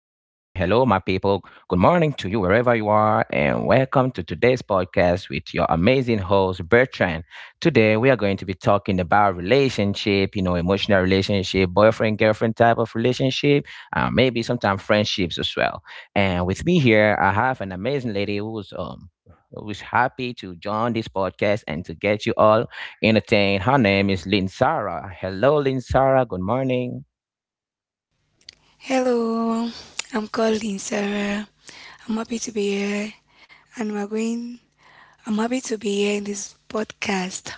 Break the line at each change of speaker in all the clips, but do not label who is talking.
Good morning to you wherever you are, and welcome to today's podcast with your amazing host Bertrand. Today we are going to be talking about relationship, you know, emotional relationship, boyfriend girlfriend type of relationship, maybe sometimes friendships as well. And with me here, I have an amazing lady who's who's happy to join this podcast and to get you all entertained. Her name is Lynn. Hello, Lynn. Good morning.
Hello, I'm calling Sarah. I'm happy to be here, and we're going. I'm happy to be here in this podcast.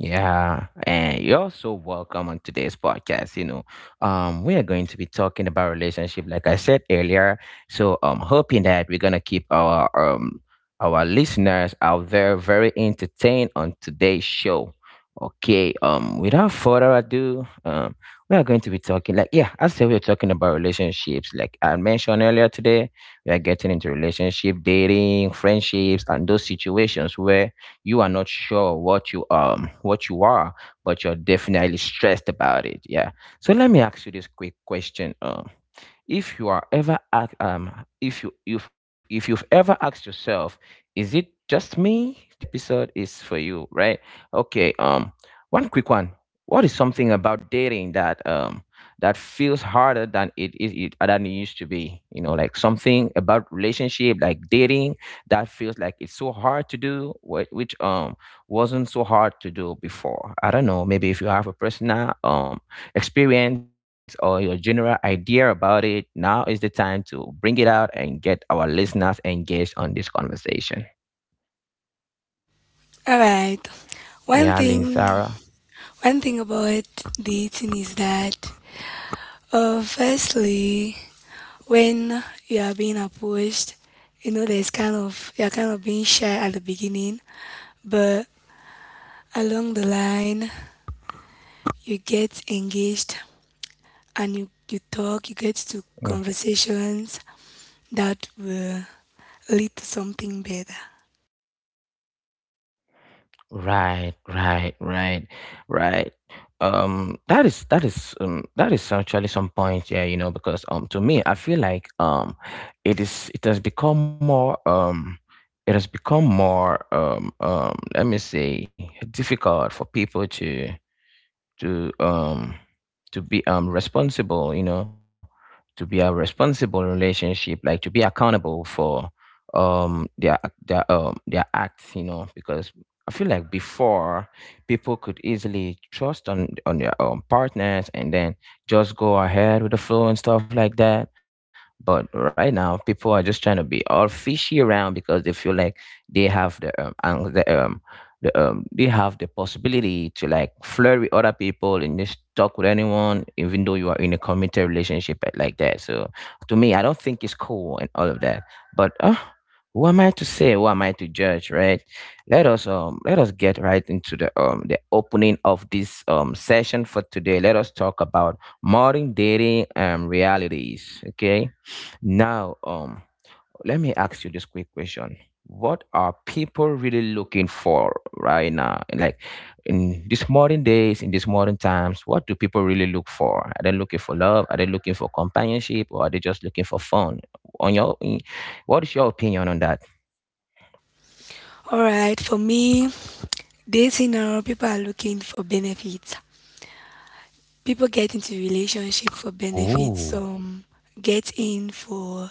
Yeah, and you're so welcome on today's podcast. We are going to be talking about relationship, like I said earlier. So, hoping that we're gonna keep our our listeners out there very entertained on today's show. Okay, without further ado, we are going to be talking like, yeah, I said we are talking about relationships. Like I mentioned earlier today, we are getting into relationship, dating, friendships, and those situations where you are not sure what you what you are, but you're definitely stressed about it. Yeah, so let me ask you this quick question. If you are ever if you if you've ever asked yourself, is it just me? This episode is for you, right? Okay, um, one quick one. What is something about dating that feels harder than it is it, it- than it used to be? You know, like something about relationship, like dating, that feels like it's so hard to do, which wasn't so hard to do before. I don't know. Maybe if you have a personal experience or your general idea about it, now is the time to bring it out and get our listeners engaged on this conversation.
All right.
Yeah,
One
Lynn Sarah.
thing, one thing about dating is that, firstly, when you are being approached, you know there's you're kind of being shy at the beginning, but along the line you get engaged and you talk, you get to conversations that will lead to something better.
Right, right, right, right. That is that is actually some point, yeah, you know, because to me I feel like it is it has become more, let me say, difficult for people to to um to be responsible, you know, to be a responsible relationship, like to be accountable for um their their their acts, you know, because I feel like before people could easily trust on their own partners and then just go ahead with the flow and stuff like that, but right now people are just trying to be all fishy around because they feel like they have they have the possibility to like flirt with other people and just talk with anyone, even though you are in a committed relationship like that. So to me, I don't think it's cool and all of that. But who am I to say? Who am I to judge? Right? Let us let us get right into the opening of this session for today. Let us talk about modern dating realities. Okay. Now, um, let me ask you this quick question. What are people really looking for right now? And like in these modern days, in these modern times, what do people really look for? Are they looking for love? Are they looking for companionship? Or are they just looking for fun? on your in- what is your opinion on that?
All right, for me, dating now, people are looking for benefits. People get into relationship for benefits.
Oh.
Some get in for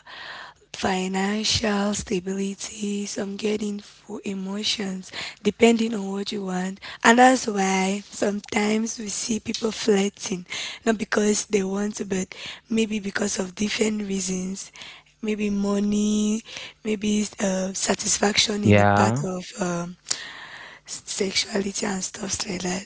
financial stability, some get in for emotions, depending on what you want. And that's why sometimes we see people flirting, not because they want to, but maybe because of different reasons. Maybe money, maybe satisfaction in the part
Yeah.
of sexuality and stuff like that.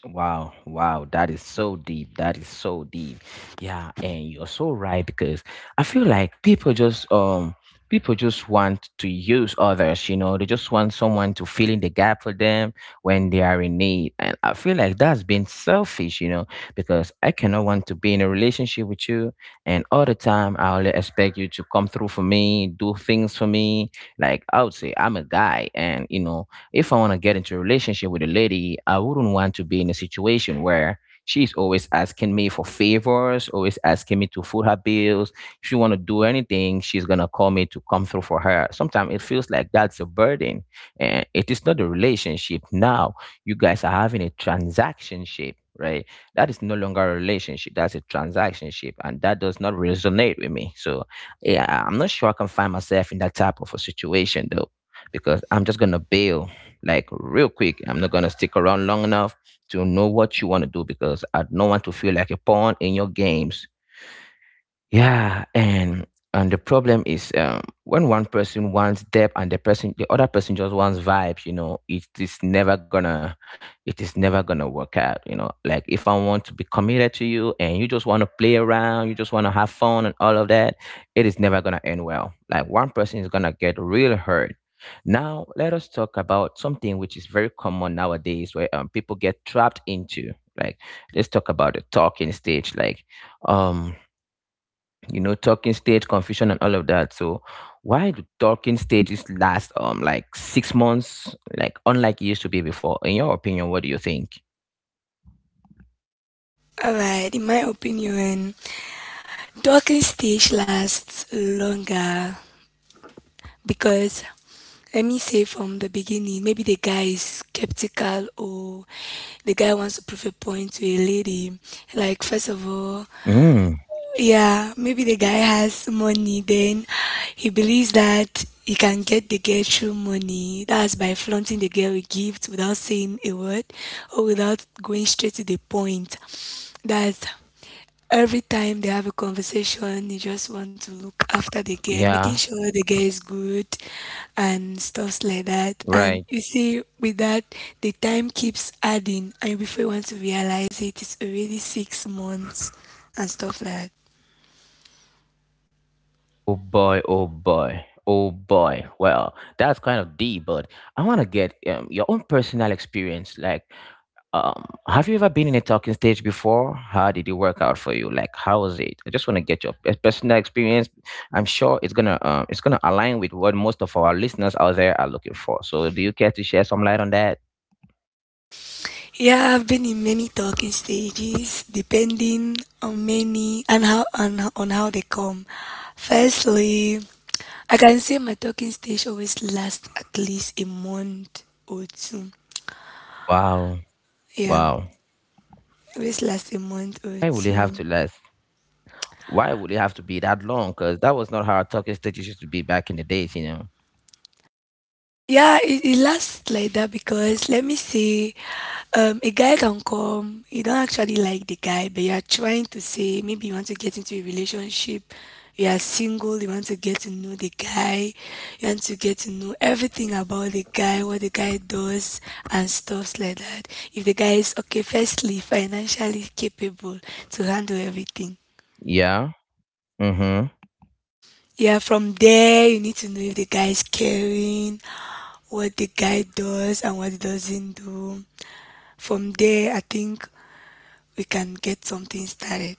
Wow, wow, that is so deep. That is so deep. Yeah, and you're so right because I feel like people just want to use others, you know, they just want someone to fill in the gap for them when they are in need. And I feel like that's being selfish, you know, because I cannot want to be in a relationship with you and all the time I only expect you to come through for me, do things for me. Like, I would say I'm a guy, and you know, if I want to get into a relationship with a lady, I wouldn't want to be in a situation where she's always asking me for favors, always asking me to foot her bills. If she want to do anything, she's gonna call me to come through for her. Sometimes it feels like that's a burden, and it is not a relationship. Now you guys are having a transaction ship. Right, that is no longer a relationship. That's a transaction ship, and that does not resonate with me. So, yeah, I'm not sure I can find myself in that type of a situation though, because I'm just gonna bail like real quick. I'm not gonna stick around long enough to know what you want to do because I don't want to feel like a pawn in your games. Yeah, and the problem is, when one person wants depth and the other person just wants vibes, you know, it is never gonna work out, you know. Like if I want to be committed to you and you just wanna play around, you just wanna have fun and all of that, it is never gonna end well. Like one person is gonna get real hurt. Now let us talk about something which is very common nowadays where, people get trapped into. Like, let's talk about the talking stage. Like, um, you know, talking stage confusion and all of that. So why do talking stages last, um, like 6 months, like unlike it used to be before? In your opinion, what do you think?
All right, in my opinion, talking stage lasts longer because, let me say, from the beginning, maybe the guy is skeptical, or the guy wants to prove a point to a lady. Like, first of all,
Mm.
yeah, maybe the guy has money, then he believes that he can get the girl through money. That's by flaunting the girl with gifts without saying a word or without going straight to the point. That's, every time they have a conversation, you just want to look after the girl, making
Yeah,
sure the girl is good and stuffs like that.
right.
And you see, with that, the time keeps adding, and before you want to realize it, it's already 6 months and stuff like that.
Oh boy, oh boy, oh boy. Well, that's kind of deep, but I want to get, your own personal experience. Like, um, have you ever been in a talking stage before? How did it work out for you? Like, how was it? I just want to get your personal experience. I'm sure it's gonna align with what most of our listeners out there are looking for. So, do you care to share some light on that?
Yeah, I've been in many talking stages, depending on many and how on how they come. Firstly, I can say my talking stage always lasts at least a month or two.
Wow,
Yeah,
wow.
always last a month or
Why would it have
two.
to last? Why would it have to be that long? Because that was not how talking stages used to be back in the days, you know.
Yeah, it lasts like that because, let me say, a guy can come. You don't actually like the guy, but you are trying to say maybe you want to get into a relationship. You are single. You want to get to know the guy. You want to get to know everything about the guy, what the guy does, and stuffs like that. If the guy is okay, firstly, financially capable to handle everything.
Yeah. Mm-hmm.
Yeah, from there you need to know if the guy is caring, what the guy does and what he doesn't do. From there, I think we can get something started.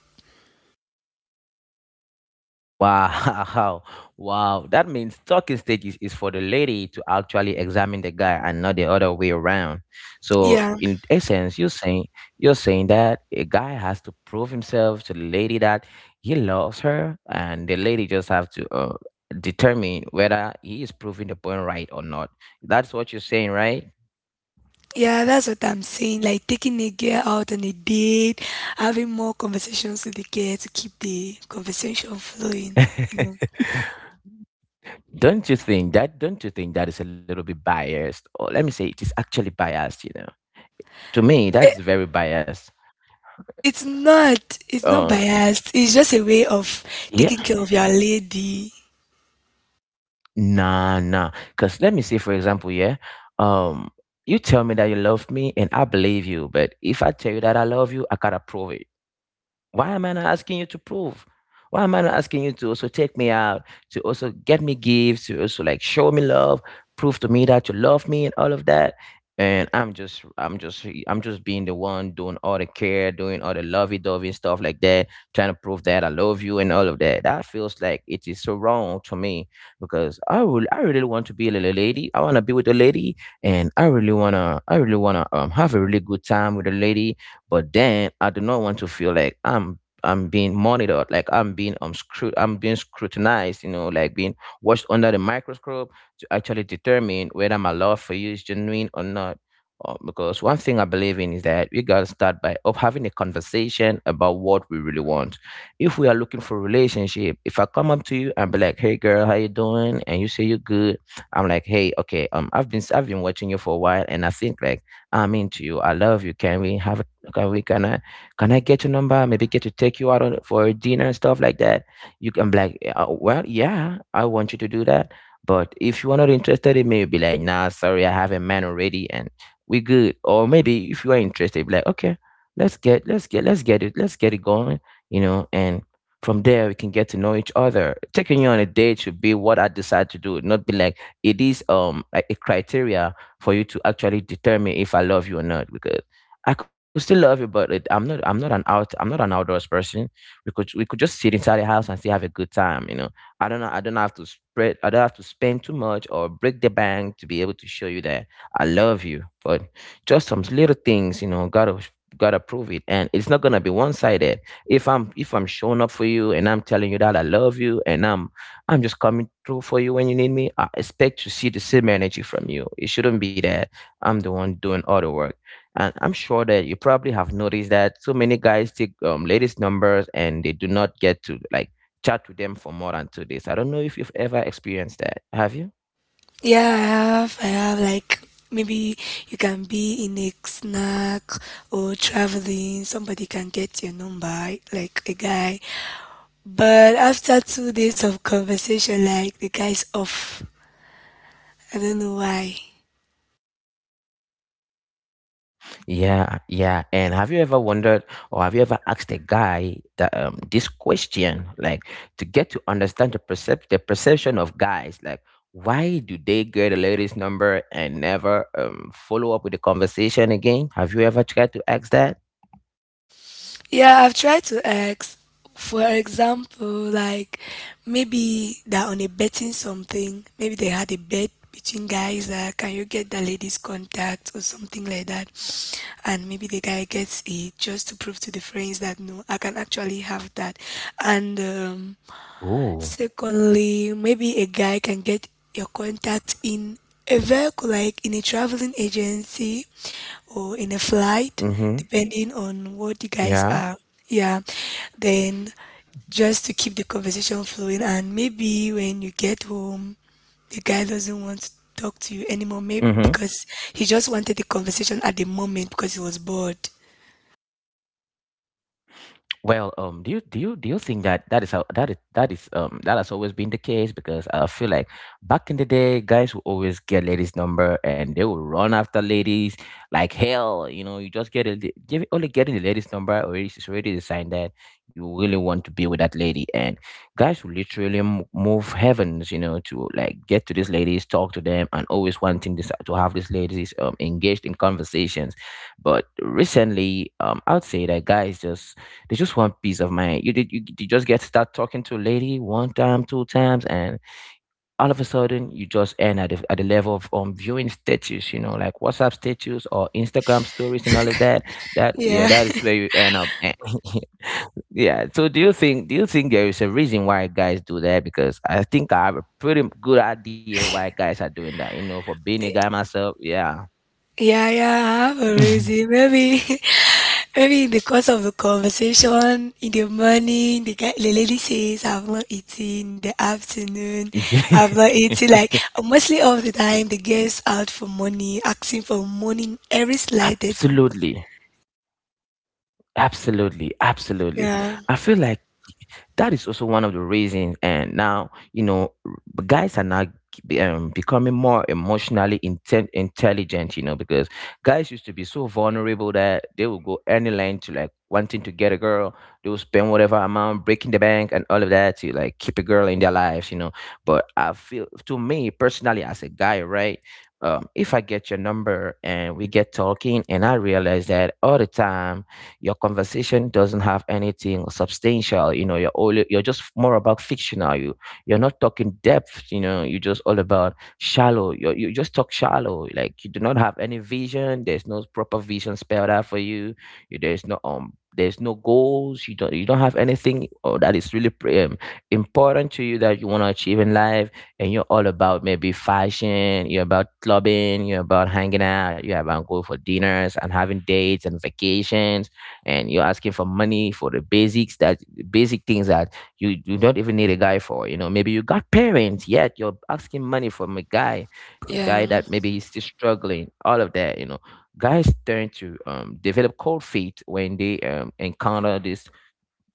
Wow, wow. That means talking stages is for the lady to actually examine the guy and not the other way around. So
Yeah,
in essence, you're saying that a guy has to prove himself to the lady that he loves her, and the lady just have to, determine whether he is proving the point right or not. That's what you're saying, right?
yeah, that's what I'm saying. Like taking a girl out on a date, having more conversations with the girl to keep the conversation flowing. You know,
Don't you think that? Don't you think that is a little bit biased? Or let me say, it is actually biased. You know, to me,
it,
that's very biased.
it's not
Um,
biased. It's just a way of
yeah.
taking care of your lady.
Nah, nah. Because let me say, for example, yeah, um, you tell me that you love me and I believe you, but if I tell you that I love you, I gotta prove it. Why am I not asking you to prove? Why am I not asking you to also take me out, to also get me gifts, to also like show me love, prove to me that you love me and all of that? And I'm just being the one doing all the care, doing all the lovey dovey stuff like that, trying to prove that I love you and all of that. That feels like it is so wrong to me because I really want to be a little lady. I want to be with a lady, and I really wanna, um, have a really good time with a lady, but then I do not want to feel like I'm being monitored, like I'm being, um, scrut I'm being scrutinized, you know, like being watched under the microscope to actually determine whether my love for you is genuine or not. Because one thing I believe in is that we gotta start by up having a conversation about what we really want. If we are looking for a relationship, if I come up to you and be like, "Hey, girl, how you doing?" and you say you're good, I'm like, "Hey, okay, I've been watching you for a while, and I think like I'm into you. I love you. Can we have. Okay, we can I get your number? Maybe get to take you out on, for dinner and stuff like that. You can be like, well, yeah, I want you to do that, but if you are not interested in me, be like, nah, sorry, I have a man already, and we good." Or maybe if you are interested, be like, okay, let's get it going, you know, and from there we can get to know each other. Taking you on a date should be what I decide to do, not be like it is like a criteria for you to actually determine if I love you or not, because I could still love it, but I'm not an outdoors person. We could just sit inside the house and still have a good time. You know. I don't have to spread. I don't have to spend too much or break the bank to be able to show you that I love you. But just some little things, you know, gotta prove it, and it's not gonna be one sided. If I'm showing up for you and I'm telling you that I love you, and I'm just coming through for you when you need me, I expect to see the same energy from you. It shouldn't be that I'm the one doing all the work. And I'm sure that you probably have noticed that so many guys take ladies' numbers and they do not get to like chat with them for more than 2 days. I don't know if you've ever experienced that. Have you?
Yeah, I have. I have like maybe you can be in a snack or traveling. Somebody can get your number, like a guy. But after 2 days of conversation, like the guy's off. I don't know why.
Yeah, yeah. And have you ever wondered, or have you ever asked a guy that this question, like, to get to understand the perception of guys, like why do they get a lady's number and never follow up with the conversation again? Have you ever tried to ask that?
Yeah, I've tried to ask, for example, like maybe they're on a betting something, maybe they had a bet between guys that, can you get the lady's contact or something like that. And maybe the guy gets it just to prove to the friends that, no, I can actually have that. And
Oh.
Secondly, maybe a guy can get your contact in a vehicle, like in a traveling agency or in a flight,
Mm-hmm.
depending on what you guys
Yeah.
are. Yeah. Then just to keep the conversation flowing, and maybe when you get home, the guy doesn't want to talk to you anymore,
Hmm.
maybe because he just wanted the conversation at the moment because he was bored.
Well, do you think that that is how that is that is that has always been the case? Because I feel like back in the day, guys will always get ladies' number and they will run after ladies like hell. You know, you just get a li- give only getting the ladies' number already is already the sign that you really want to be with that lady. And guys will literally move heavens, you know, to like get to these ladies, talk to them, and always wanting this to have these ladies engaged in conversations. But recently, I'd say that guys just they just want peace of mind. You just get start talking to a lady one time, two times, and all of a sudden you just end at the level of viewing status, you know, like WhatsApp status or Instagram stories and all of that. Yeah,
Yeah.
that is where you end up. Yeah. So do you think there is a reason why guys do that? Because I think I have a pretty good idea why guys are doing that. You know, for being a guy myself, yeah.
Yeah, yeah, I have a reason. Maybe. Maybe because of the conversation in the morning, the guy, the lady says, I've not eaten. In the afternoon,
Yeah,
I've not eaten. Like, mostly all the time, the girls out for money, asking for money, in every slight. That-
absolutely. Absolutely, absolutely.
Yeah,
I feel like that is also one of the reasons. And now, you know, guys are now becoming more emotionally intelligent, you know, because guys used to be so vulnerable that they would go any length to like wanting to get a girl. They will spend whatever amount, breaking the bank and all of that to like keep a girl in their lives, you know. But I feel, to me personally, as a guy, right? If I get your number and we get talking, and I realize that all the time your conversation doesn't have anything substantial, you know, you're just more about fictional, you you're not talking depth, you know, you're just all about shallow, you just talk shallow, like you do not have any vision, there's no proper vision spelled out for you, there's there's no goals, you don't have anything or that is really important to you that you want to achieve in life, and you're all about maybe fashion, you're about clubbing, you're about hanging out, you're about going for dinners and having dates and vacations, and you're asking for money for the basics that basic things that you don't even need a guy for, you know, maybe you got parents yet you're asking money from a guy, a guy
yeah,
that maybe he's still struggling, all of that, you know. Guys tend to develop cold feet when they encounter this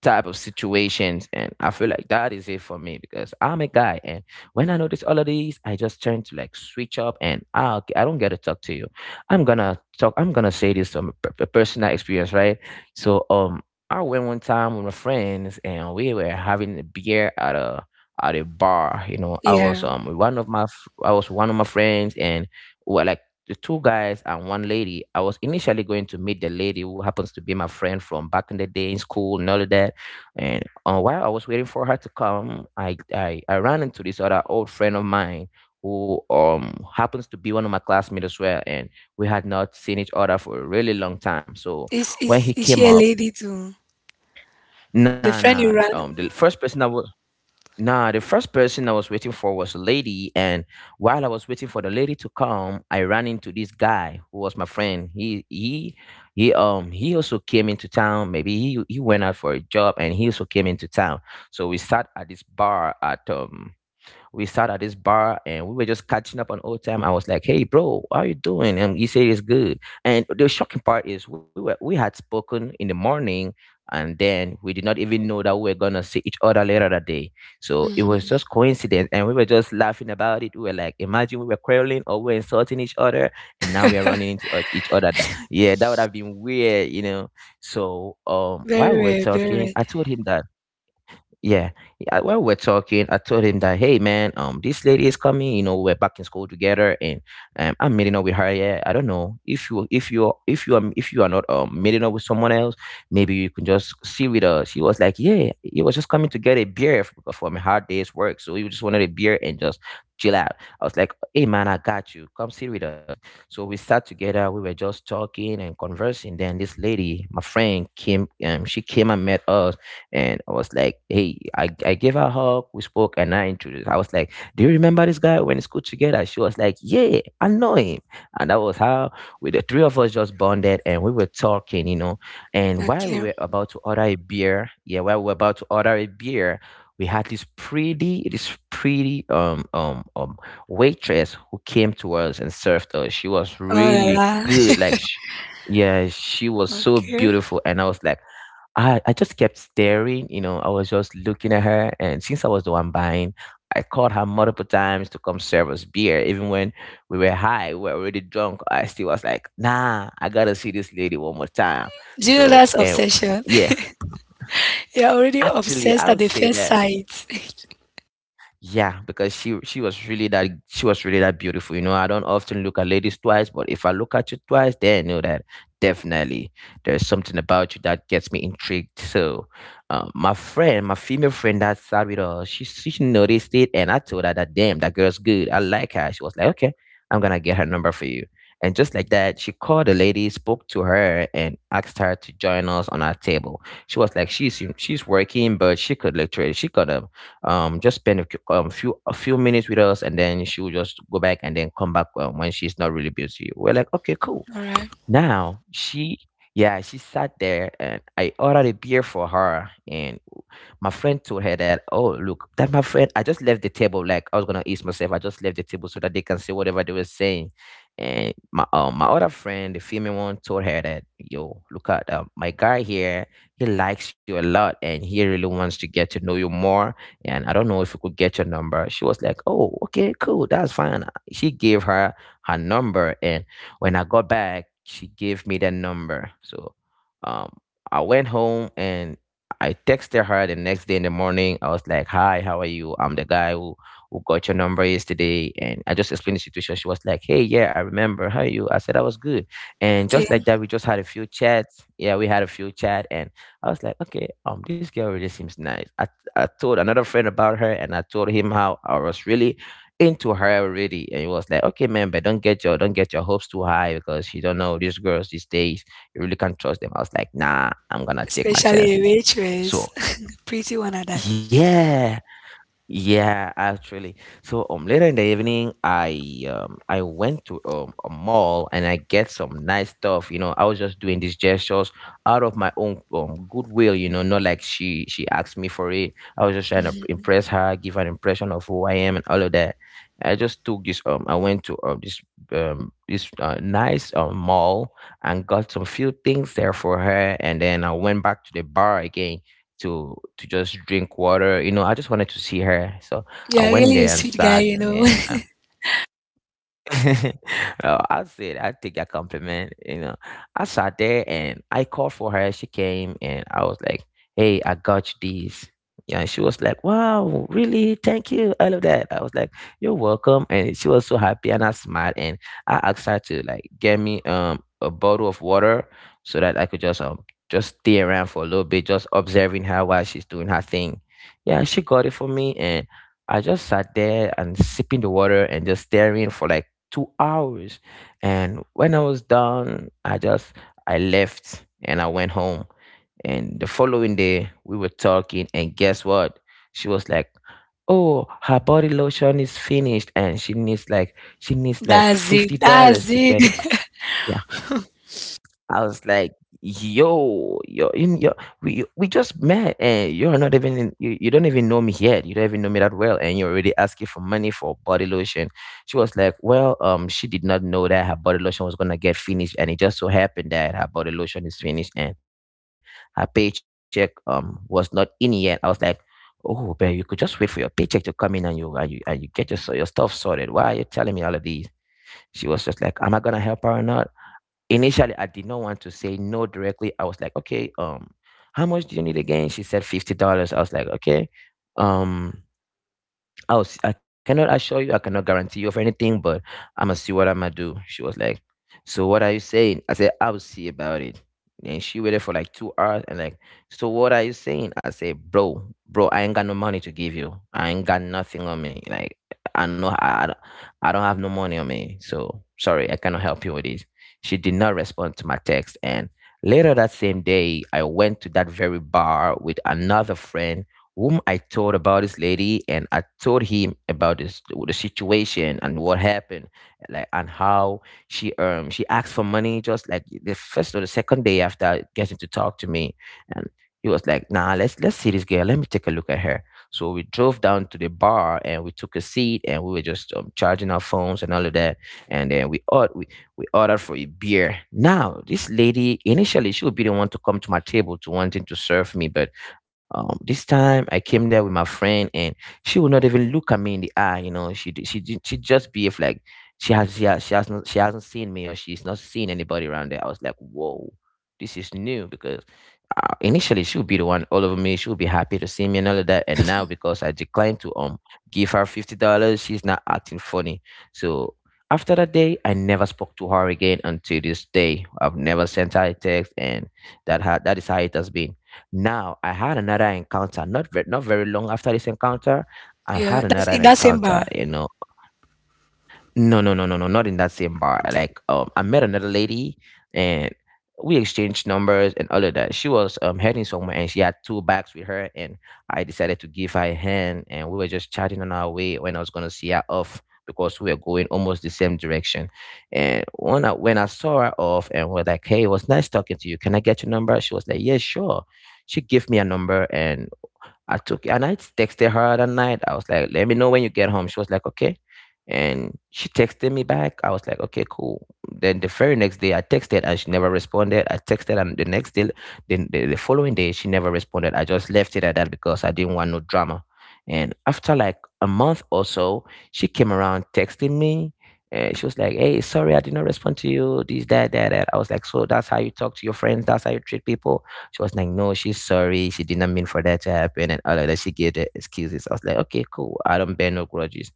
type of situations, and I feel like that is it for me, because I'm a guy, and when I notice all of these I just turn to like switch up and I don't get to talk to you. I'm gonna say this from a personal experience, right? So I went one time with my friends and we were having a beer at a bar, you know. I was
yeah.
with one of my f- I was with one of my friends, and we were like the two guys and one lady. I was initially going to meet the lady who happens to be my friend from back in the day in school and all of that. And while I was waiting for her to come, I ran into this other old friend of mine who happens to be one of my classmates as well, and we had not seen each other for a really long time. So
Is,
when
is,
he
is she
came
a
up,
lady too?
nah,
The friend
nah,
you ran?
um, the first person I was nah, the first person I was waiting for was a lady, and while I was waiting for the lady to come, I ran into this guy who was my friend. He also came into town. Maybe he went out for a job, and he also came into town. So we sat at this bar and we were just catching up on old time. I was like, "Hey, bro, how you doing?" And he said, "It's good." And the shocking part is, we had spoken in the morning, and then we did not even know that we were gonna see each other later that day. So it was
Hmm.
just coincidence, and we were just laughing about it. We were like, "Imagine we were quarreling or we were insulting each other, and now we are running into each other." Yeah, that would have been weird, you know. So
Very
while we were
weird, very
talking,
weird.
I told him that, yeah, while we're talking I told him that, hey man, this lady is coming, you know, we're back in school together, and I'm meeting up with her. Yeah, I don't know if you are not meeting up with someone else, maybe you can just see with us. He was like, yeah, he was just coming to get a beer from a hard day's work, so he just wanted a beer and just chill out. I was like, hey man, I got you, come sit with us. So we sat together, we were just talking and conversing, then this lady, my friend, came, she came and met us, and I was like, hey, I gave her a hug, we spoke, and I introduced. I was like, do you remember this guy when in school together? She was like, yeah, I know him, and that was how we the three of us just bonded, and we were talking, you know, and while
Okay.
we were about to order a beer, yeah, while we were about to order a beer. We had this pretty waitress who came to us and served us. She was
Oh la
really
la.
good. Like, she, yeah, she was so
Okay.
beautiful. And I was like, I just kept staring, you know, I was just looking at her, and since I was the one buying, I called her multiple times to come serve us beer. Even when we were high, we were already drunk, I still was like, nah, I gotta see this lady one more time.
Do you know
So,
that's
and
obsession?
yeah,
You're already
actually,
obsessed
I
at
would
the
say
first
that,
sight.
yeah, because she was really that she was really that beautiful. You know, I don't often look at ladies twice, but if I look at you twice, then I know that definitely there's something about you that gets me intrigued. So, my friend, my female friend that sat with her, she noticed it, and I told her that damn, that girl's good. I like her. She was like, okay, I'm gonna get her number for you. And just like that, she called the lady, spoke to her, and asked her to join us on our table. She was like, she's working, but she could just spend a, few- few a few minutes with us, and then she will just go back and then come back when she's not really busy. We're like, okay, cool.
All right.
Now yeah, she sat there and I ordered a beer for her. And my friend told her that, oh, look, that my friend, I just left the table. Like I was going to eat myself. I just left the table so that they can say whatever they were saying. And my other friend, the female one, told her that, yo, look at my guy here. He likes you a lot and he really wants to get to know you more. And I don't know if you could get your number. She was like, oh, okay, cool. That's fine. She gave her her number and when I got back, she gave me that number. So um, I went home and I texted her the next day in the morning. I was like, "Hi, how are you? I'm the guy who got your number yesterday." And I just explained the situation. She was like, "Hey, yeah, I remember. How are you?" I said I was good. And just
Okay.
like that, we just had a few chats. Yeah, we had a few chat, and I was like, "Okay, this girl really seems nice." I told another friend about her, and I told him how I was really into her already, and it was like, okay, man, but don't get your hopes too high because you don't know these girls these days, you really can't trust them. I was like, nah, I'm gonna take my
Especially a
chances.
waitress.
so
Pretty one at that.
yeah yeah, actually. So later in the evening, I went to a mall and I get some nice stuff. You know, I was just doing these gestures out of my own goodwill. You know, not like she asked me for it. I was just trying to impress her, give her an impression of who I am and all of that. I just took this. I went to this this nice mall and got some few things there for her, and then I went back to the bar again to just drink water. You know, I just wanted to see her. So I
Yeah,
went
really a
there and
sweet guy,
sat,
you
and
know.
then well, I said I take a compliment. You know, I sat there and I called for her. She came and I was like, "Hey, I got you these." Yeah, she was like, "Wow, really? Thank you, all of that." I was like, "You're welcome," and she was so happy and I smiled, and I asked her to like get me a bottle of water so that I could just stay around for a little bit, just observing her while she's doing her thing. Yeah, she got it for me. And I just sat there and sipping the water and just staring for like 2 hours. And when I was done, I just I left and I went home. And the following day, we were talking, and guess what? She was like, "Oh, her body lotion is finished, and she needs like she needs like
That's it.
fifty
That's
dollars to get it."
it.
Yeah. I was like, yo, yo, you, yo, we just met, and you're not even in, you don't even know me yet. You don't even know me that well, and you're already asking for money for body lotion. She was like, well, she did not know that her body lotion was gonna get finished, and it just so happened that her body lotion is finished, and her paycheck was not in yet. I was like, oh, but you could just wait for your paycheck to come in and you get your your stuff sorted. Why are you telling me all of these? She was just like, "Am I gonna help her or not?" Initially, I did not want to say no directly. I was like, okay, how much do you need again? She said $50. I was like, okay, um, I cannot assure you, I cannot guarantee you of anything, but I'm gonna see what I'm gonna do. She was like, so what are you saying? I said, I will see about it. And she waited for like 2 hours, and like, so what are you saying? I said, bro, bro, I ain't got no money to give you. I ain't got nothing on me. Like, I know I don't have no money on me. So sorry, I cannot help you with this. She did not respond to my text. And later that same day, I went to that very bar with another friend whom I told about this lady, and I told him about this the situation and what happened, like, and how she asked for money just like the first or the second day after getting to talk to me, and he was like, "Nah, let's see this girl. Let me take a look at her." So we drove down to the bar and we took a seat and we were just charging our phones and all of that, and then we ordered for a beer. Now this lady initially she would be the one to come to my table to wanting to serve me, but this time I came there with my friend, and she would not even look at me in the eye. You know, she just behave like she hasn't seen me or she's not seen anybody around there. I was like, whoa, this is new because initially she would be the one all over me. She would be happy to see me and all of that. And now because I declined to give her $50, she's not acting funny. So after that day, I never spoke to her again until this day. I've never sent her a text, and that is how it has been. Now I had another encounter, not very long after this encounter. I
Yeah,
had
that's
another
in that same
encounter.
bar.
You know, no, no, no, no, no, not in that same bar. Like, I met another lady and we exchanged numbers and all of that. She was heading somewhere and she had two bags with her, and I decided to give her a hand, and we were just chatting on our way when I was gonna see her off because we were going almost the same direction. And when I saw her off and was like, hey, it was nice talking to you. Can I get your number? She was like, yeah, sure. She gave me a number and I took it and I texted her that night. I was like, let me know when you get home. She was like, okay. And she texted me back. I was like, okay, cool. Then the very next day, I texted and she never responded. I texted and the next day, the following day, she never responded. I just left it at that because I didn't want no drama. And after like a month or so, she came around texting me. And she was like, hey, sorry, I did not respond to you, this, that, that, that. I was like, so that's how you talk to your friends, that's how you treat people. She was like, no, she's sorry. She did not mean for that to happen and all of that. She gave the excuses. I was like, okay, cool. I don't bear no grudges.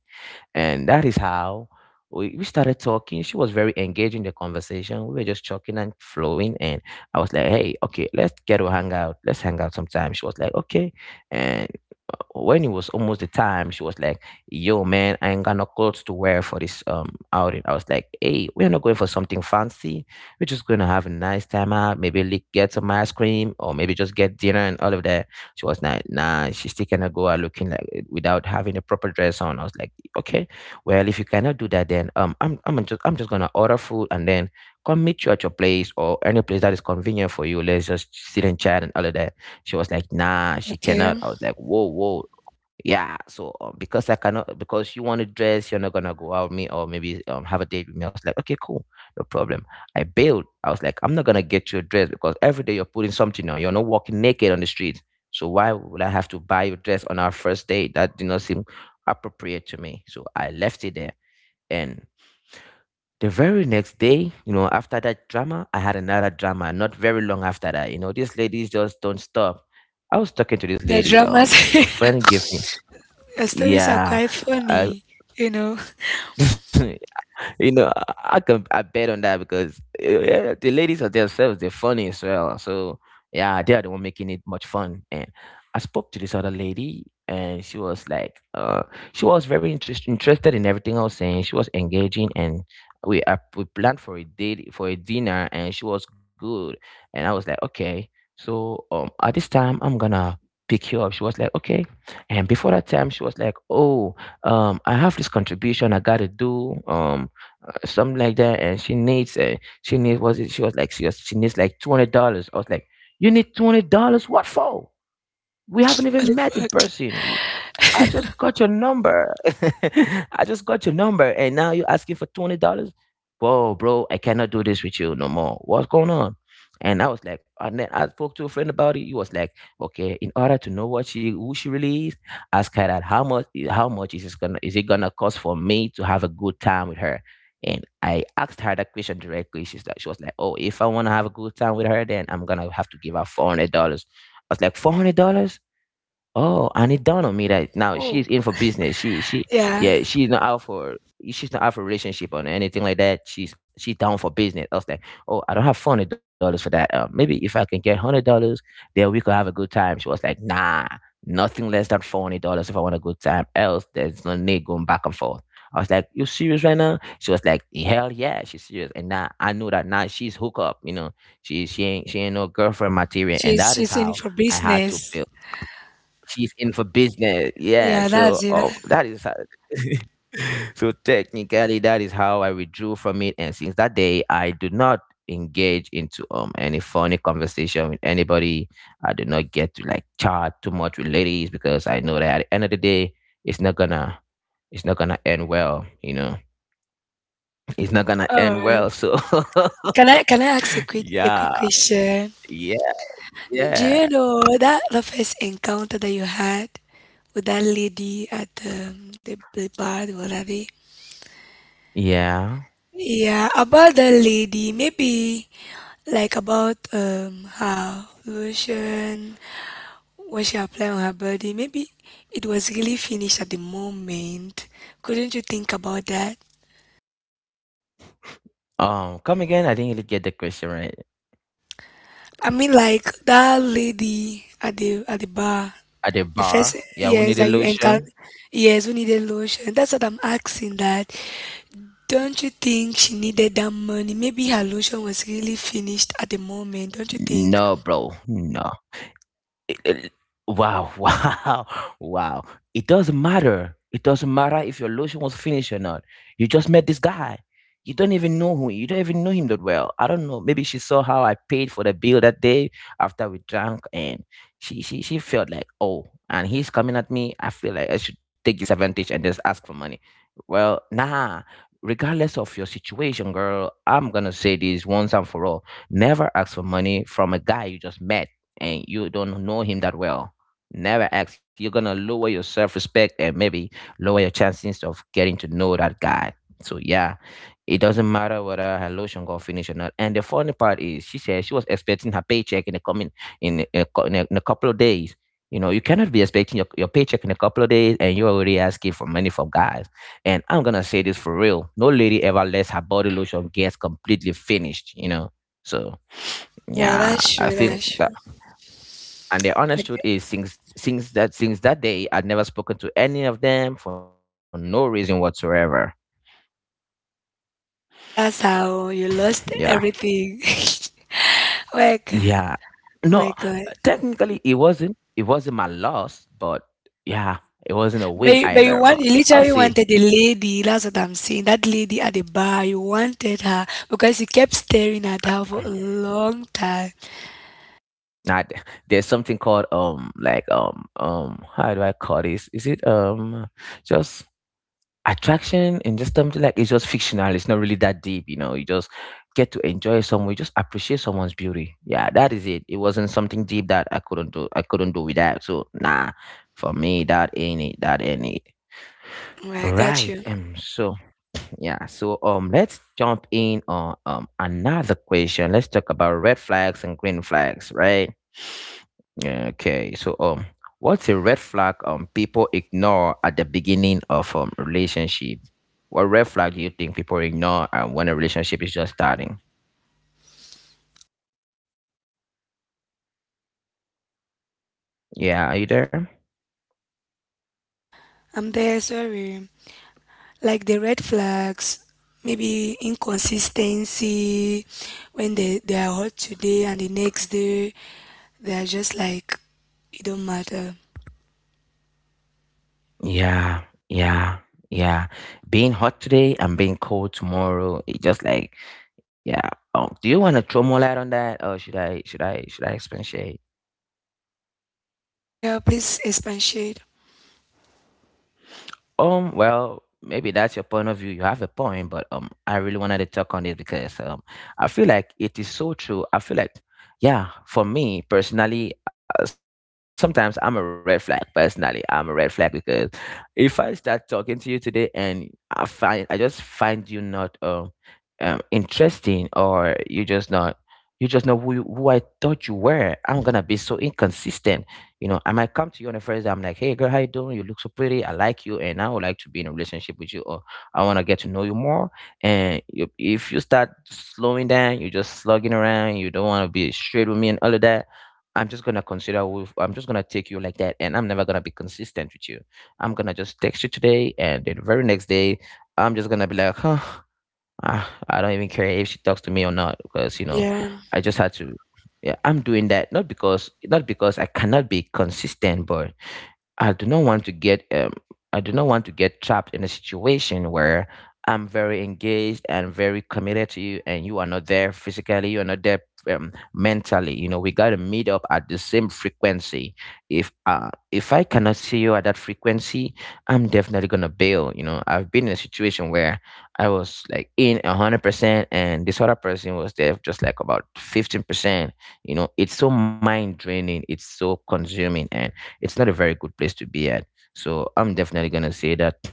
And that is how we started talking. She was very engaged in the conversation. We were just talking and flowing. And I was like, hey, okay, let's get to hang out. Let's hang out sometime. She was like, okay. And when it was almost the time, she was like, yo, man, I ain't got no clothes to wear for this outing. I was like, hey, we're not going for something fancy, we're just going to have a nice time out. Maybe get some ice cream or maybe just get dinner and all of that. She was like, nah, she still cannot go out looking like without having a proper dress on. I was like, okay, well, if you cannot do that, then I'm just going to order food and then come meet you at your place or any place that is convenient for you. Let's just sit and chat and all of that. She was like, nah, she
Okay.
cannot. I was like, whoa, whoa. Yeah, so because I cannot, because you want to dress, you're not gonna go out with me or maybe have a date with me. I was like, okay, cool, no problem. I bailed. I was like, I'm not gonna get you a dress because every day you're putting something on. You're not walking naked on the street. So why would I have to buy you a dress on our first date? That did not seem appropriate to me. So I left it there. And the very next day, you know, after that drama, I had another drama. Not very long after that, you know, these ladies just don't stop. I was talking to this
Your
lady.
dramas,
A friend gave me
your stories are
yeah,
quite
I,
funny, you know.
you know, I can I bet on that because yeah, the ladies are themselves, they're funny as well. So yeah, they are the one making it much fun. And I spoke to this other lady, and she was like, she was very interested in everything I was saying. She was engaging, and we planned for a date for a dinner, and she was good. And I was like, okay, so at this time I'm gonna pick you up. She was like, okay. And before that time, she was like, oh, I have this contribution I gotta do. Something like that, and she needs was it she was like she was she needs like $200. I was like, you need $200? What for? We haven't
What
even
the
met in
fuck?
person. I just got your number. I just got your number and now you're asking for $200? Whoa, bro, I cannot do this with you no more. What's going on? And I was like, and then I spoke to a friend about it. He was like, okay, in order to know what she who she really is, ask her that how much is it gonna cost for me to have a good time with her? And I asked her that question directly. She was like, oh, if I wanna have a good time with her, then I'm gonna have to give her $400. I was like, $400? Oh, and it dawned on me that now
Oh,
she's in for business. She
yeah.
yeah, she's not out for relationship or anything like that. She's down for business. I was like, oh, I don't have $400 for that. Maybe if I can get $100, then we could have a good time. She was like, nah, nothing less than $400 if I want a good time. Else, there's no need going back and forth. I was like, you serious right now? She was like, hell yeah, she's serious. And now I know that now she's hook up. You know, she ain't no girlfriend material. And that is
She's in it
how
for
I had to
business.
build. She's in for business. Yeah.
Yeah,
So,
that's it.
oh, that is how so technically that is how I withdrew from it. And since that day, I do not engage into any funny conversation with anybody. I do not get to like chat too much with ladies because I know that at the end of the day, it's not gonna end well. You know, it's not gonna
All
end
right.
well. So
Can I ask a quick a
yeah,
quick question?
yeah,
Do
yeah,
you know that the first encounter that you had with that lady at the bar, the whatever?
yeah.
Yeah, about the lady, maybe like about her lotion, what she applied on her body. Maybe it was really finished at the moment. Couldn't you think about that?
Come again. I didn't really get the question right.
I mean, like that lady at the bar,
At a
the
bar.
first,
Yeah, we
yes,
need a
that you encounter,
lotion.
yes, who needed lotion. That's what I'm asking that. Don't you think she needed that money? Maybe her lotion was really finished at the moment. Don't you think?
No, bro. No. it- wow, wow, wow. It doesn't matter. It doesn't matter if your lotion was finished or not. You just met this guy. You don't even know who. You don't even know him that well. I don't know. Maybe she saw how I paid for the bill that day after we drank, and she felt like oh, and he's coming at me. I feel like I should take this advantage and just ask for money. Well, nah. Regardless of your situation, girl, I'm gonna say this once and for all: never ask for money from a guy you just met and you don't know him that well, never ask. You're gonna lower your self respect and maybe lower your chances of getting to know that guy. So yeah, it doesn't matter whether her lotion got finished or not. And the funny part is, she said she was expecting her paycheck in the coming in a couple of days. You know, you cannot be expecting your paycheck in a couple of days, and you're already asking for money from guys. And I'm gonna say this for real: no lady ever lets her body lotion gets completely finished. You know, so
Yeah,
yeah,
that's
I
true.
think
That's
that.
true.
And the honest
Like,
truth is, since that day, I'd never spoken to any of them for no reason whatsoever.
that's how you lost
Yeah,
everything. My God,
yeah. No,
my God.
technically, it wasn't. It wasn't my loss, but yeah, it wasn't a
But
win
you
either.
want,
But
you
I'll
literally
say,
wanted the lady. That's what I'm saying. That lady at the bar. You wanted her because you kept staring at her for a long time.
nah, there's something called how do I call this? Is it just attraction and just something like it's just fictional. It's not really that deep, you know. You just get to enjoy someone, you just appreciate someone's beauty. Yeah, that is it. It wasn't something deep that I couldn't do. I couldn't do without. So nah, for me that ain't it. That ain't it.
Well, I got
Right.
you.
So yeah, so let's jump in on another question. Let's talk about red flags and green flags, right? Yeah, okay, so what's a red flag people ignore at the beginning of relationship? What red flag do you think people ignore when a relationship is just starting? Yeah, are you there?
I'm there. Sorry. Like the red flags, maybe inconsistency, when they are hot today and the next day they are just like, it don't matter.
Yeah, yeah, yeah. Being hot today and being cold tomorrow. It just like, yeah. Do you want to throw more light on that, or should I expatiate?
Yeah, please expatiate.
Well, maybe that's your point of view. You have a point, but I really wanted to talk on it because I feel like it is so true. I feel like, yeah, for me personally, sometimes I'm a red flag. Personally, I'm a red flag because if I start talking to you today and I just find you not interesting or you just not you just know who who I thought you were. I'm gonna be so inconsistent. You know, I might come to you on the first day. I'm like, hey girl, how you doing? You look so pretty. I like you, and I would like to be in a relationship with you, or I want to get to know you more. And you, if you start slowing down, you're just slugging around. You don't want to be straight with me and all of that. I'm just gonna consider. I'm just gonna take you like that, and I'm never gonna be consistent with you. I'm gonna just text you today, and then the very next day, I'm just gonna be like, huh, ah, I don't even care if she talks to me or not because you know,
Yeah,
I just had to. Yeah, I'm doing that not because I cannot be consistent, but I do not want to get trapped in a situation where I'm very engaged and very committed to you and you are not there physically, you are not there mentally. You know, we got to meet up at the same frequency. If I cannot see you at that frequency, I'm definitely going to bail, you know. I've been in a situation where I was like in 100% and this other person was there just like about 15%. You know, it's so mind draining, it's so consuming, and it's not a very good place to be at. So I'm definitely gonna say that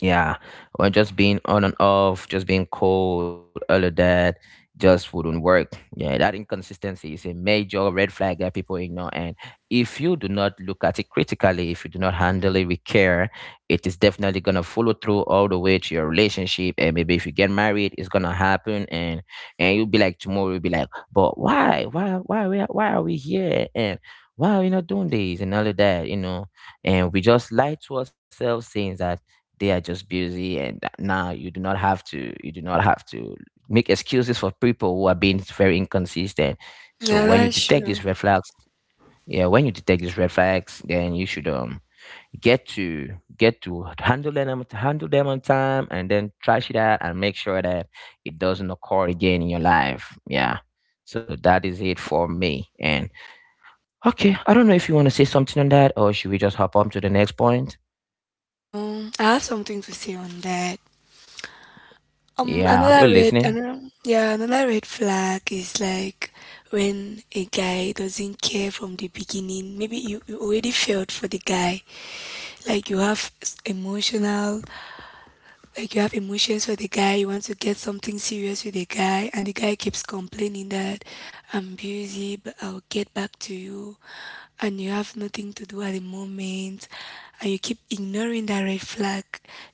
yeah, or just being on and off, just being cold, all of that just wouldn't work. Yeah, that inconsistency is a major red flag that people ignore. And if you do not look at it critically, if you do not handle it with care, it is definitely gonna follow through all the way to your relationship. And maybe if you get married, it's gonna happen. And you'll be like tomorrow, you'll be like, why are why are we here? And why are we not doing this and all of that? You know, and we just lie to ourselves, saying that they are just busy and now you do not have to you do not have to make excuses for people who are being very inconsistent, so
yeah,
when you
that's
detect
true.
these red flags, yeah, when you detect these red flags then you should get to get to handle them, on time and then trash it out and make sure that it doesn't occur again in your life, yeah. So that is it for me, and okay, I don't know if you want to say something on that or should we just hop on to the next point?
Um I have something to say on that
Yeah, we're
another red
listening.
another Yeah, another red flag is like when a guy doesn't care from the beginning. Maybe you already felt for the guy, like emotional, like you have emotions for the guy, you want to get something serious with the guy, and the guy keeps complaining that, I'm busy, but I'll get back to you, and you have nothing to do at the moment, and you keep ignoring that red flag.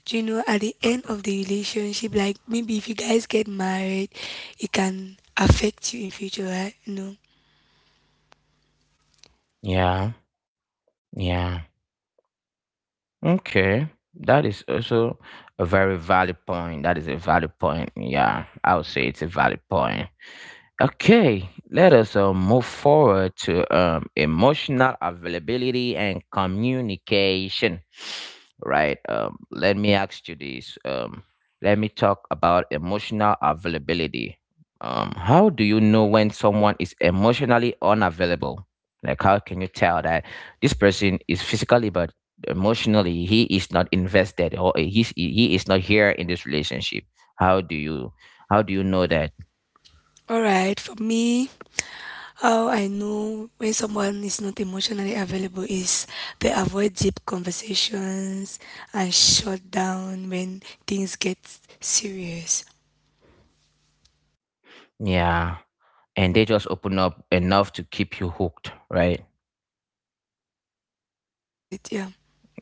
Do you know at the end of the relationship, like maybe if you guys get married, it can affect you in future, right? You know.
Yeah, yeah. Okay. That is also a very valid point. That is a valid point. Yeah, I would say it's a valid point. Okay, let us move forward to emotional availability and communication. Right. Let me ask you this. Let me talk about emotional availability. How do you know when someone is emotionally unavailable? Like, how can you tell that this person is physically but emotionally he is not invested, or he is not here in this relationship? How do you how do you know that?
All right, for me, how I know when someone is not emotionally available is they avoid deep conversations and shut down when things get serious.
Yeah. And they just open up enough to keep you hooked, right?
Is it? Yeah.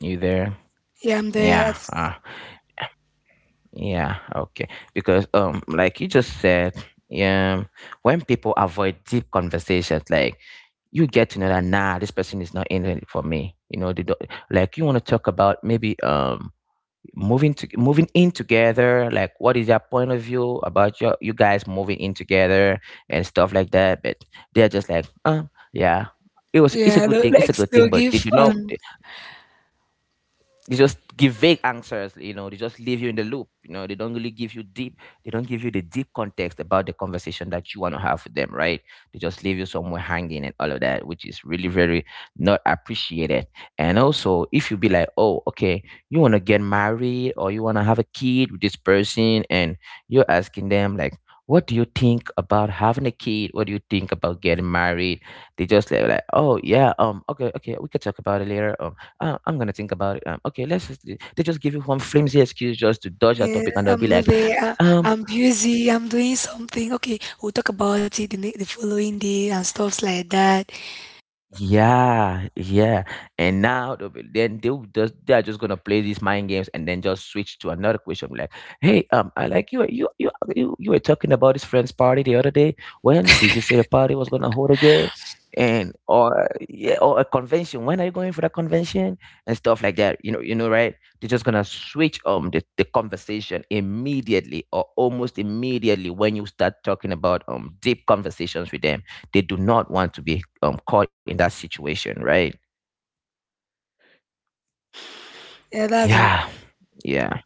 You there?
Yeah, I'm there.
Yeah.
At-
Uh, yeah okay because like you just said, yeah, when people avoid deep conversations, like, you get to know that nah, this person is not in it for me, you know, they don't. Like, you want to talk about maybe moving in together, like what is your point of view about your you guys moving in together and stuff like that, but they're just like yeah, it's a good thing, it's a
Like
good
they'll
thing, but they
give
do not.
on.
They just give vague answers, you know, they just leave you in the loop, you know, they don't really give you deep, they don't give you the deep context about the conversation that you want to have with them, right? They just leave you somewhere hanging and all of that, which is really very not appreciated. And also if you be like, oh okay, you want to get married or you want to have a kid with this person, and you're asking them like, what do you think about having a kid, what do you think about getting married, they just like, oh yeah, okay, okay, we can talk about it later, I'm gonna think about it. Okay, let's just. They just give you one flimsy excuse just to dodge that
Yeah,
topic, and they'll
I'm
be
not
like,
there. I,
um,
I'm busy. I'm doing something. Okay, we'll talk about it the following day and stuffs like that.
yeah, yeah. And now then they're just gonna play these mind games and then just switch to another question. Like, hey, I like you, you were talking about this friend's party the other day. When did you say the party was gonna hold again? And, or yeah, or a convention. When are you going for that convention? And stuff like that. Right? They're just gonna switch the conversation immediately or almost immediately when you start talking about deep conversations with them. They do not want to be caught in that situation, right?
Yeah, that's it.
Yeah, yeah.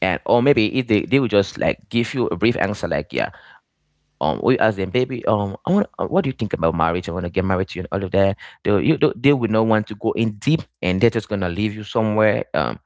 And or maybe if they will just like give you a brief answer, like yeah. We ask them, baby, I want, what do you think about marriage, I want to get married to you and all of that, they, you do, they would not want to go in deep, and they're just gonna leave you somewhere.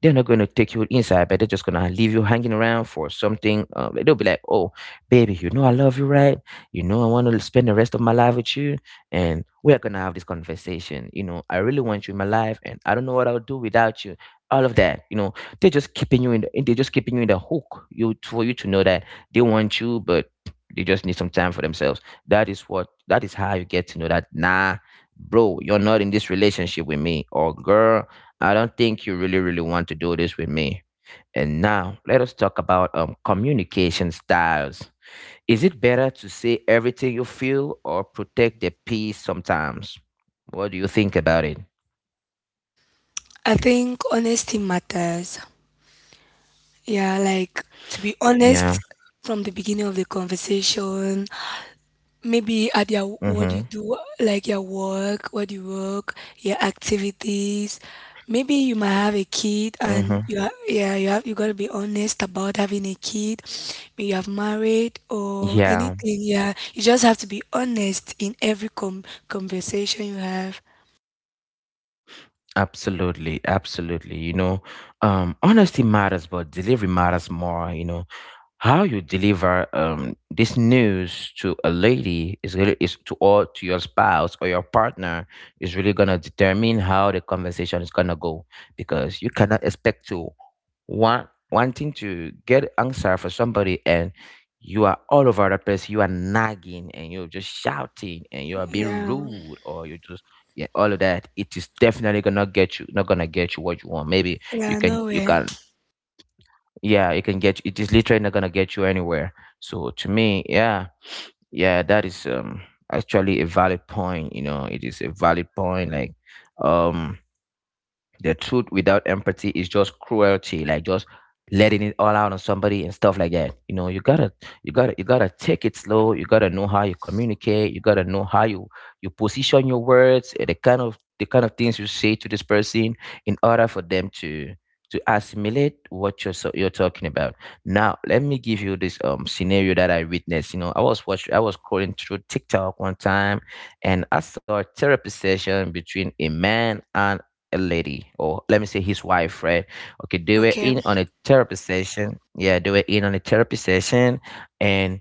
They're not going to take you inside, but they're just gonna leave you hanging around for something, like, they'll be like, oh, baby, you know I love you, right? You know, I want to spend the rest of my life with you, and we're gonna have this conversation, you know, I really want you in my life and I don't know what I'll do without you, all of that, you know. They're just keeping you in the they're just keeping you in the hook. You, for you to know that they want you, but they just need some time for themselves. That is what that is how you get to know that nah, bro, you're not in this relationship with me. Or girl, I don't think you really, really want to do this with me. And now let us talk about communication styles. Is it better to say everything you feel or protect the peace sometimes? What do you think about it?
I think honesty matters. Yeah, like to be
Yeah.
honest from the beginning of the conversation. Maybe at your what
Mm-hmm.
you do, like your work, what you work, your activities. Maybe you might have a kid,
Mm-hmm.
and you are, yeah, you have, you gotta be honest about having a kid. Maybe you have married or
Yeah.
anything. Yeah, you just have to be honest in every com conversation you have.
Absolutely, absolutely. You know, honesty matters, but delivery matters more. You know, how you deliver this news to a lady is really, is to, or to your spouse or your partner, is really gonna determine how the conversation is gonna go, because you cannot expect to wanting to get answer for somebody, and you are all over the place, you are nagging and you're just shouting and you are being
Yeah,
rude, or you just, yeah, all of that, it is definitely gonna get you, not gonna get you what you want. Maybe you
yeah,
can,
no way.
yeah, you can get, it is literally not gonna get you anywhere. So to me, yeah, yeah, that is actually a valid point, you know, it is a valid point. Like, um the truth without empathy is just cruelty, like just letting it all out on somebody and stuff like that. You know, you gotta take it slow, you gotta know how you communicate, you gotta know how you position your words, eh, the kind of things you say to this person in order for them to assimilate what you're talking about. Now, let me give you this scenario that I witnessed. You know, I was watching, I was scrolling through TikTok one time, and I saw a therapy session between a man and a lady, or let me say his wife, right? Okay, they were
Okay,
in on a therapy session, yeah, they were in on a therapy session. And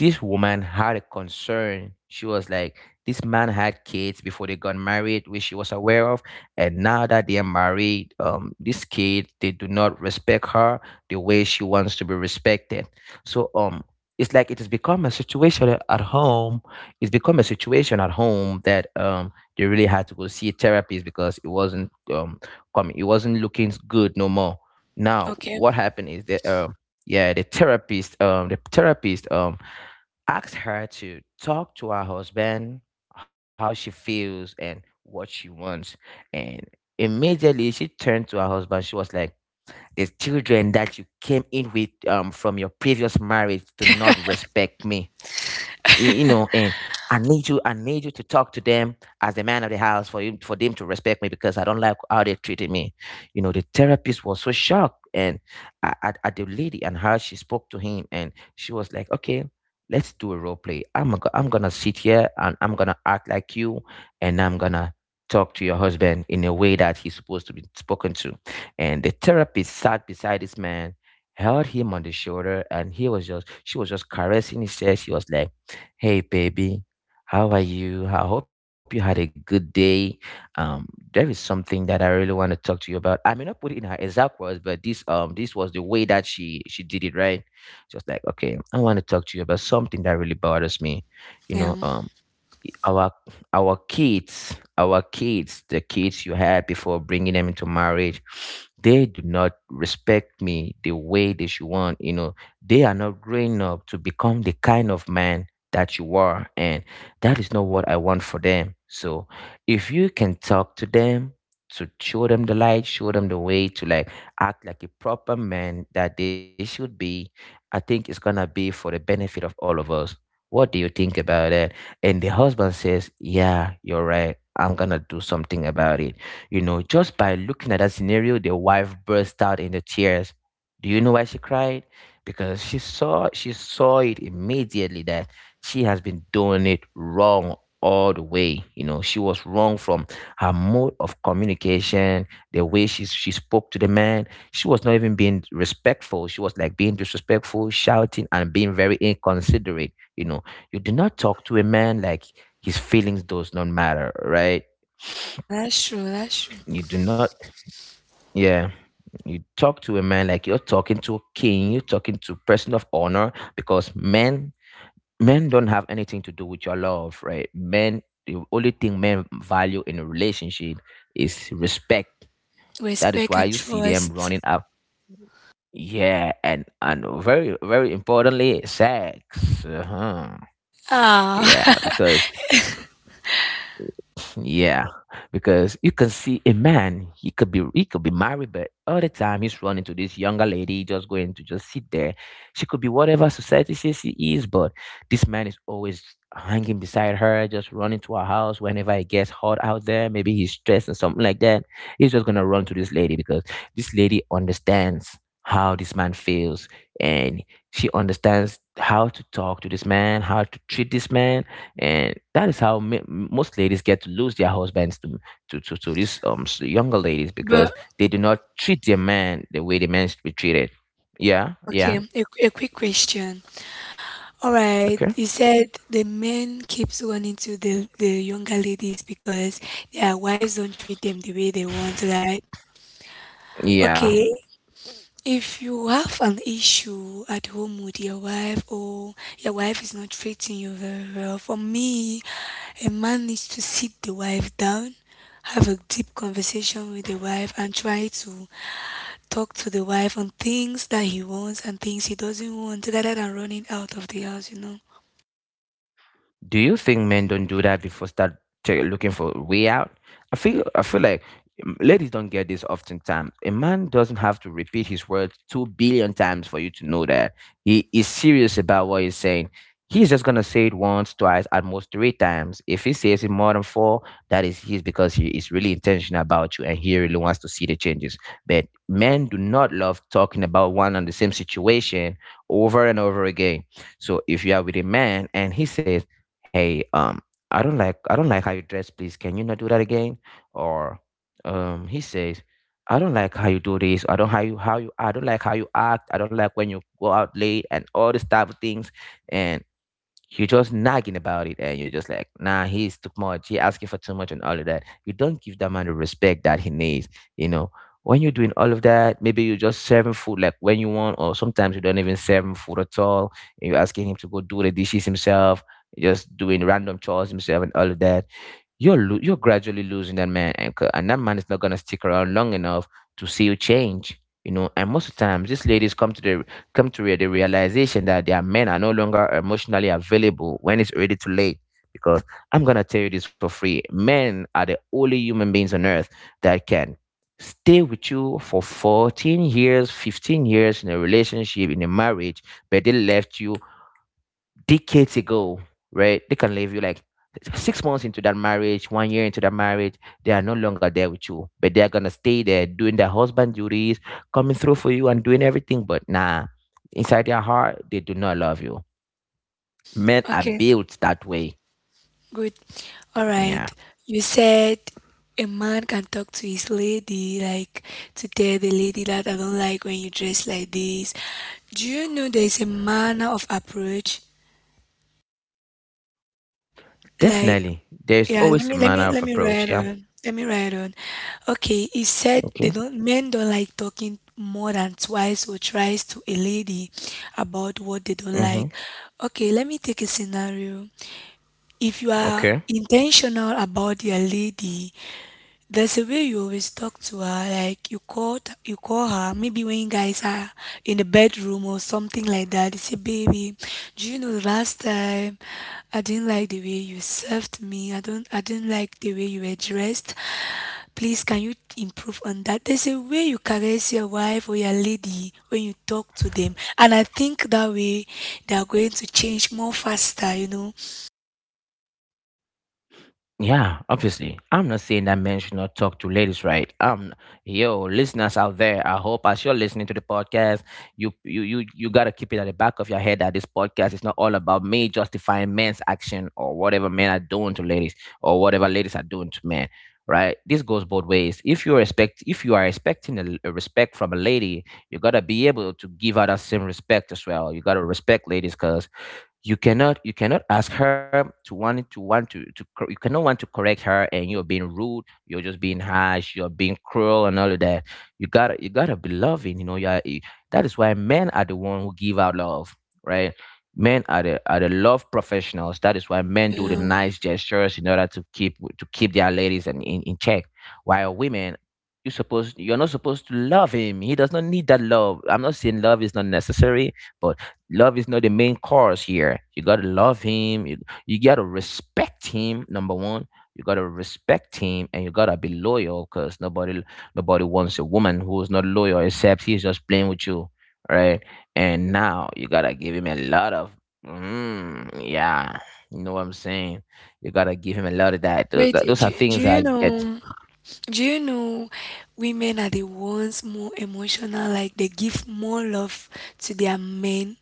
this woman had a concern. She was like, this man had kids before they got married, which she was aware of. And now that they are married, these kids, they do not respect her the way she wants to be respected. So it's like it has become a situation at home. It's become a situation at home that they really had to go see a therapist because it wasn't it wasn't looking good no more. Now
okay,
what happened is that yeah, the therapist ask her to talk to her husband, how she feels, and what she wants. And immediately she turned to her husband. She was like, the children that you came in with, from your previous marriage, do not respect me, you know, and I need you, to talk to them as the man of the house, for you, for them to respect me, because I don't like how they treated me. You know, the therapist was so shocked, and at the lady and how she spoke to him, and she was like, okay, let's do a role play, I'm gonna sit here and I'm gonna act like you, and I'm gonna talk to your husband in a way that he's supposed to be spoken to. And the therapist sat beside this man, held him on the shoulder, and he was just, she was just caressing his chest. She was like, hey, baby. How are you? I hope you had a good day. Um, there is something that I really want to talk to you about. I may not put it in her exact words, but this, this was the way that she did it, right? Just like, okay, I want to talk to you about something that really bothers me. You
yeah.
know, our our kids the kids you had before bringing them into marriage, they do not respect me the way they should want, you know, they are not growing up to become the kind of man that you are, and that is not what I want for them. So if you can talk to them, to show them the light, show them the way to, like, act like a proper man that they should be, I think it's gonna be for the benefit of all of us. What do you think about that? And the husband says, yeah, you're right. I'm gonna do something about it. You know, just by looking at that scenario, the wife burst out into tears. Do you know why she cried? Because she saw it immediately that she has been doing it wrong all the way. You know, she was wrong from her mode of communication, the way she spoke to the man. She was not even being respectful. She was like being disrespectful, shouting, and being very inconsiderate. You know, you do not talk to a man like his feelings does not matter, right?
Yeah, that's true. That's true.
You do not, yeah, you talk to a man like you're talking to a king, you're talking to a person of honor, because men, men don't have anything to do with your love, right? Men, the only thing men value in a relationship is respect. That is
Respect
why
and
you see them
trust.
running up. Yeah, and very very importantly, sex. Uh-huh.
Ah,
Yeah, because Yeah, because you can see a man, he could be married, but all the time he's running to this younger lady, just going to just sit there. She could be whatever society says she is, but this man is always hanging beside her, just running to her house whenever it gets hot out there. Maybe he's stressed and something like that. He's just gonna run to this lady because this lady understands how this man feels, and she understands how to talk to this man, how to treat this man, and that is how most ladies get to lose their husbands to these younger ladies,
but
because they do not treat their man the way the men should be treated. Yeah, yeah,
okay, a quick question. All right.
okay,
You said the men keeps running to the younger ladies because their wives don't treat them the way they want, right?
yeah.
Okay. If you have an issue at home with your wife or your wife is not treating you very well, for me, a man needs to sit the wife down, have a deep conversation with the wife and try to talk to the wife on things that he wants and things he doesn't want, rather than running out of the house, you know.
Do you think men don't do that before start looking for a way out? I feel like, ladies don't get this oftentimes. A man doesn't have to repeat his words 2 billion times for you to know that he is serious about what he's saying. He's just gonna say it once, twice, at most three times. If he says it more than four, that is he's because he is really intentional about you and he really wants to see the changes. But men do not love talking about one and the same situation over and over again. So if you are with a man and he says, hey, I don't like how you dress, please can you not do that again? Or he says, I don't like how you do this, I don't like how you act, I don't like when you go out late and all these type of things. And you're just nagging about it and you're just like, nah, he's too much. He asking for too much and all of that. You don't give that man the respect that he needs. You know, when you're doing all of that, maybe you're just serving food like when you want, or sometimes you don't even serve him food at all. And you're asking him to go do the dishes himself, just doing random chores himself and all of that. You're gradually losing that man anchor, and that man is not gonna stick around long enough to see you change. You know, and most of the times, these ladies come to the come to re- the realization that their men are no longer emotionally available when it's already too late. Because I'm gonna tell you this for free: men are the only human beings on earth that can stay with you for 14 years, 15 years in a relationship, in a marriage, but they left you decades ago, right? They can leave you like 6 months into that marriage, one year into that marriage. They are no longer there with you, but they are gonna stay there doing their husband duties, coming through for you and doing everything. But nah, inside their heart, they do not love you. Men are
Okay.
built that way.
Good. All right.
Yeah,
You said a man can talk to his lady, like to tell the lady that, I don't like when you dress like this. Do you know there's a manner of approach? Like,
definitely. There's
yeah,
always a manner of
let me
approach.
write
Yeah.
on. Let me write on. Okay, he said they
Okay.
don't, men don't like talking more than twice or thrice to a lady about what they don't
Mm-hmm.
like. Okay, let me take a scenario. If you are
Okay.
intentional about your lady, there's a way you always talk to her, like you call her, maybe when you guys are in the bedroom or something like that. You say, "Baby, do you know the last time I didn't like the way you served me. I didn't like the way you were dressed. Please, can you improve on that?" There's a way you caress your wife or your lady when you talk to them, and I think that way they are going to change more faster. You know.
Yeah, obviously. I'm not saying that men should not talk to ladies, right? Yo, listeners out there, I hope as you're listening to the podcast, you gotta keep it at the back of your head that this podcast is not all about me justifying men's action or whatever men are doing to ladies or whatever ladies are doing to men, right? This goes both ways. If you respect, if you are expecting a respect from a lady, you gotta be able to give her that same respect as well. You gotta respect ladies, cause you cannot ask her to want to want to cor- you cannot want to correct her and you're being rude, you're just being harsh, you're being cruel and all of that. You gotta be loving, you know. You are, that is why men are the one who give out love, right? Men are the love professionals. That is why men do the
Um,
nice gestures in order to keep their ladies in check, while women, you're not supposed to love him, he does not need that love. I'm not saying love is not necessary, but love is not the main cause here. You gotta love him. You gotta respect him. Number one, you gotta respect him, and you gotta be loyal, cause nobody wants a woman who is not loyal, except he's just playing with you, right? And now you gotta give him a lot of, yeah, you know what I'm saying. You gotta give him a lot of that.
Wait,
Those are
do
things
you
I get.
know? Do you know women are the ones more emotional, like they give more love to their men?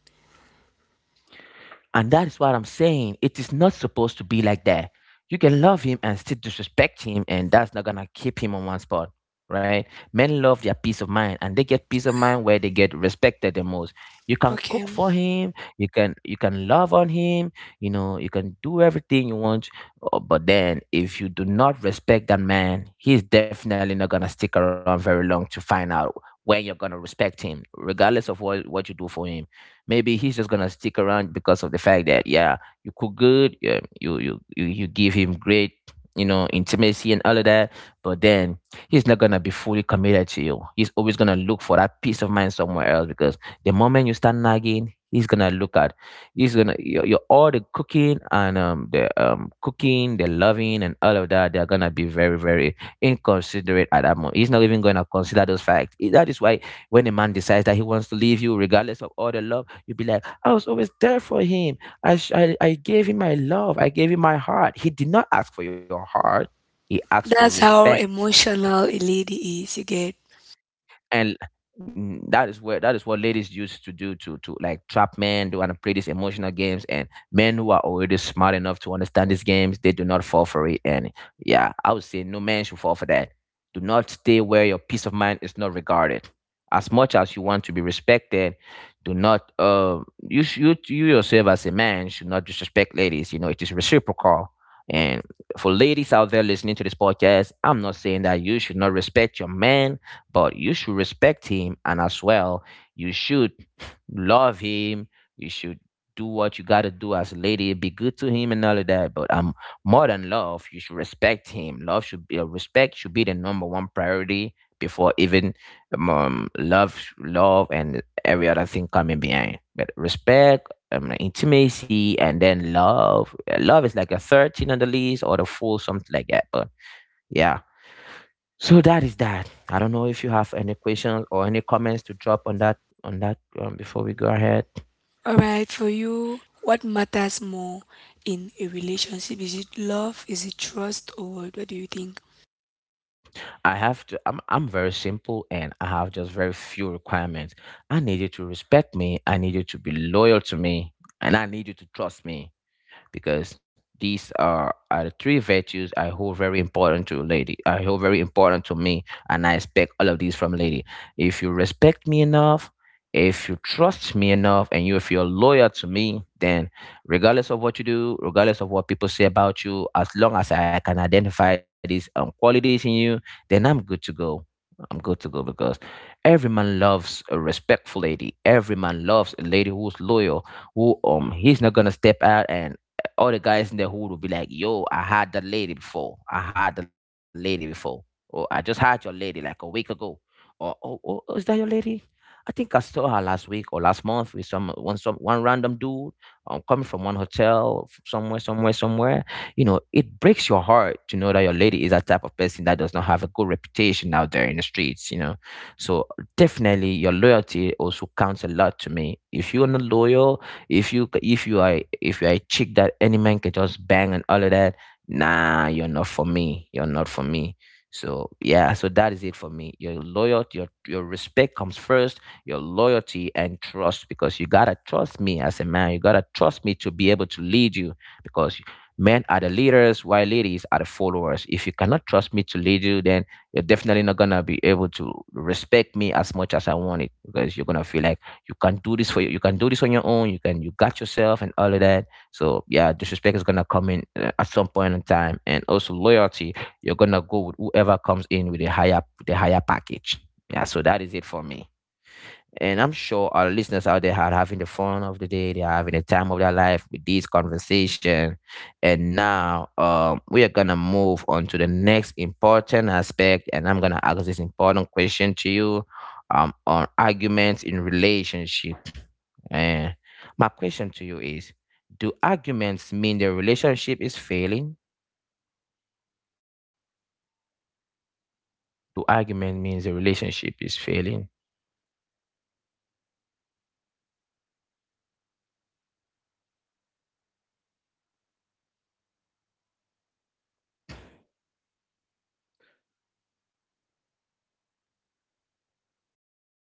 And that is what I'm saying. It is not supposed to be like that. You can love him and still disrespect him, and that's not gonna keep him on one spot, right? Men love their peace of mind, and they get peace of mind where they get respected the most. You can cook
Okay.
for him, you can love on him, you can do everything you want, but then if you do not respect that man, he's definitely not gonna stick around very long to find out when you're gonna respect him, regardless of what you do for him. Maybe he's just gonna stick around because of the fact that yeah, you cook good, yeah, you give him great, intimacy and all of that. But then he's not gonna be fully committed to you. He's always gonna look for that peace of mind somewhere else because the moment you start nagging, he's gonna your all the cooking and the cooking, the loving and all of that, they're gonna be very very inconsiderate at that moment. He's not even gonna consider those facts. Eh, that is why when a man decides that he wants to leave you, regardless of all the love, you'll be like, I was always there for him. I gave him my love. I gave him my heart. He did not ask for your heart, he asked for
That's how
respect.
emotional a lady is, you get.
And that is what ladies used to do, to like trap men. They want to play these emotional games, and men who are already smart enough to understand these games, they do not fall for it. And yeah, I would say no man should fall for that. Do not stay where your peace of mind is not regarded. As much as you want to be respected, do not you yourself as a man should not disrespect ladies. You know it is reciprocal. And for ladies out there listening to this podcast, I'm not saying that you should not respect your man, but you should respect him, and as well you should love him. You should do what you got to do as a lady, be good to him and all of that, but more than love, you should respect him. Love should be Respect should be the number one priority, before even love and every other thing coming behind. But respect, intimacy, and then love. Love is like a 13 on the list or the full something like that, but yeah, so that is that. I don't know if you have any questions or any comments to drop on that, on that, before we go ahead.
Alright, for you, what matters more in a relationship? Is it love? Is it trust? Or what do you think?
I'm very simple and I have just very few requirements. I need you to respect me, I need you to be loyal to me, and I need you to trust me, because these are the three virtues I hold very important to lady. I hold very important to me, and I expect all of these from lady. If you respect me enough, if you trust me enough, and you if you're loyal to me, then regardless of what you do, regardless of what people say about you, as long as I can identify these qualities in you, then I'm good to go. I'm good to go because every man loves a respectful lady. Every man loves a lady who's loyal, who he's not gonna step out. And all the guys in the hood will be like, yo, I had that lady before. I had the lady before. Or I just had your lady like a week ago. Or oh, oh, oh, is that your lady? I think I saw her last week or last month with some one random dude, coming from one hotel somewhere, somewhere, somewhere. You know, it breaks your heart to know that your lady is that type of person that does not have a good reputation out there in the streets. So definitely your loyalty also counts a lot to me. If you're not loyal, if you are a chick that any man can just bang and all of that, nah, you're not for me. You're not for me. So yeah, so that is it for me. Your loyalty, your respect comes first. Your loyalty and trust, because you gotta trust me as a man. You gotta trust me to be able to lead you, because men are the leaders, while ladies are the followers. If you cannot trust me to lead you, then you're definitely not gonna be able to respect me as much as I want it, because you're gonna feel like you can't do this for you. You can do this on your own. You got yourself and all of that. So yeah, disrespect is gonna come in at some point in time, and also loyalty. You're gonna go with whoever comes in with a higher the higher package. Yeah, so that is it for me. And I'm sure our listeners out there are having the fun of the day. They are having the time of their life with this conversation. And now we are gonna move on to the next important aspect. And I'm gonna ask this important question to you on arguments in relationship, and my question to you is, do arguments mean the relationship is failing? Do argument means the relationship is failing?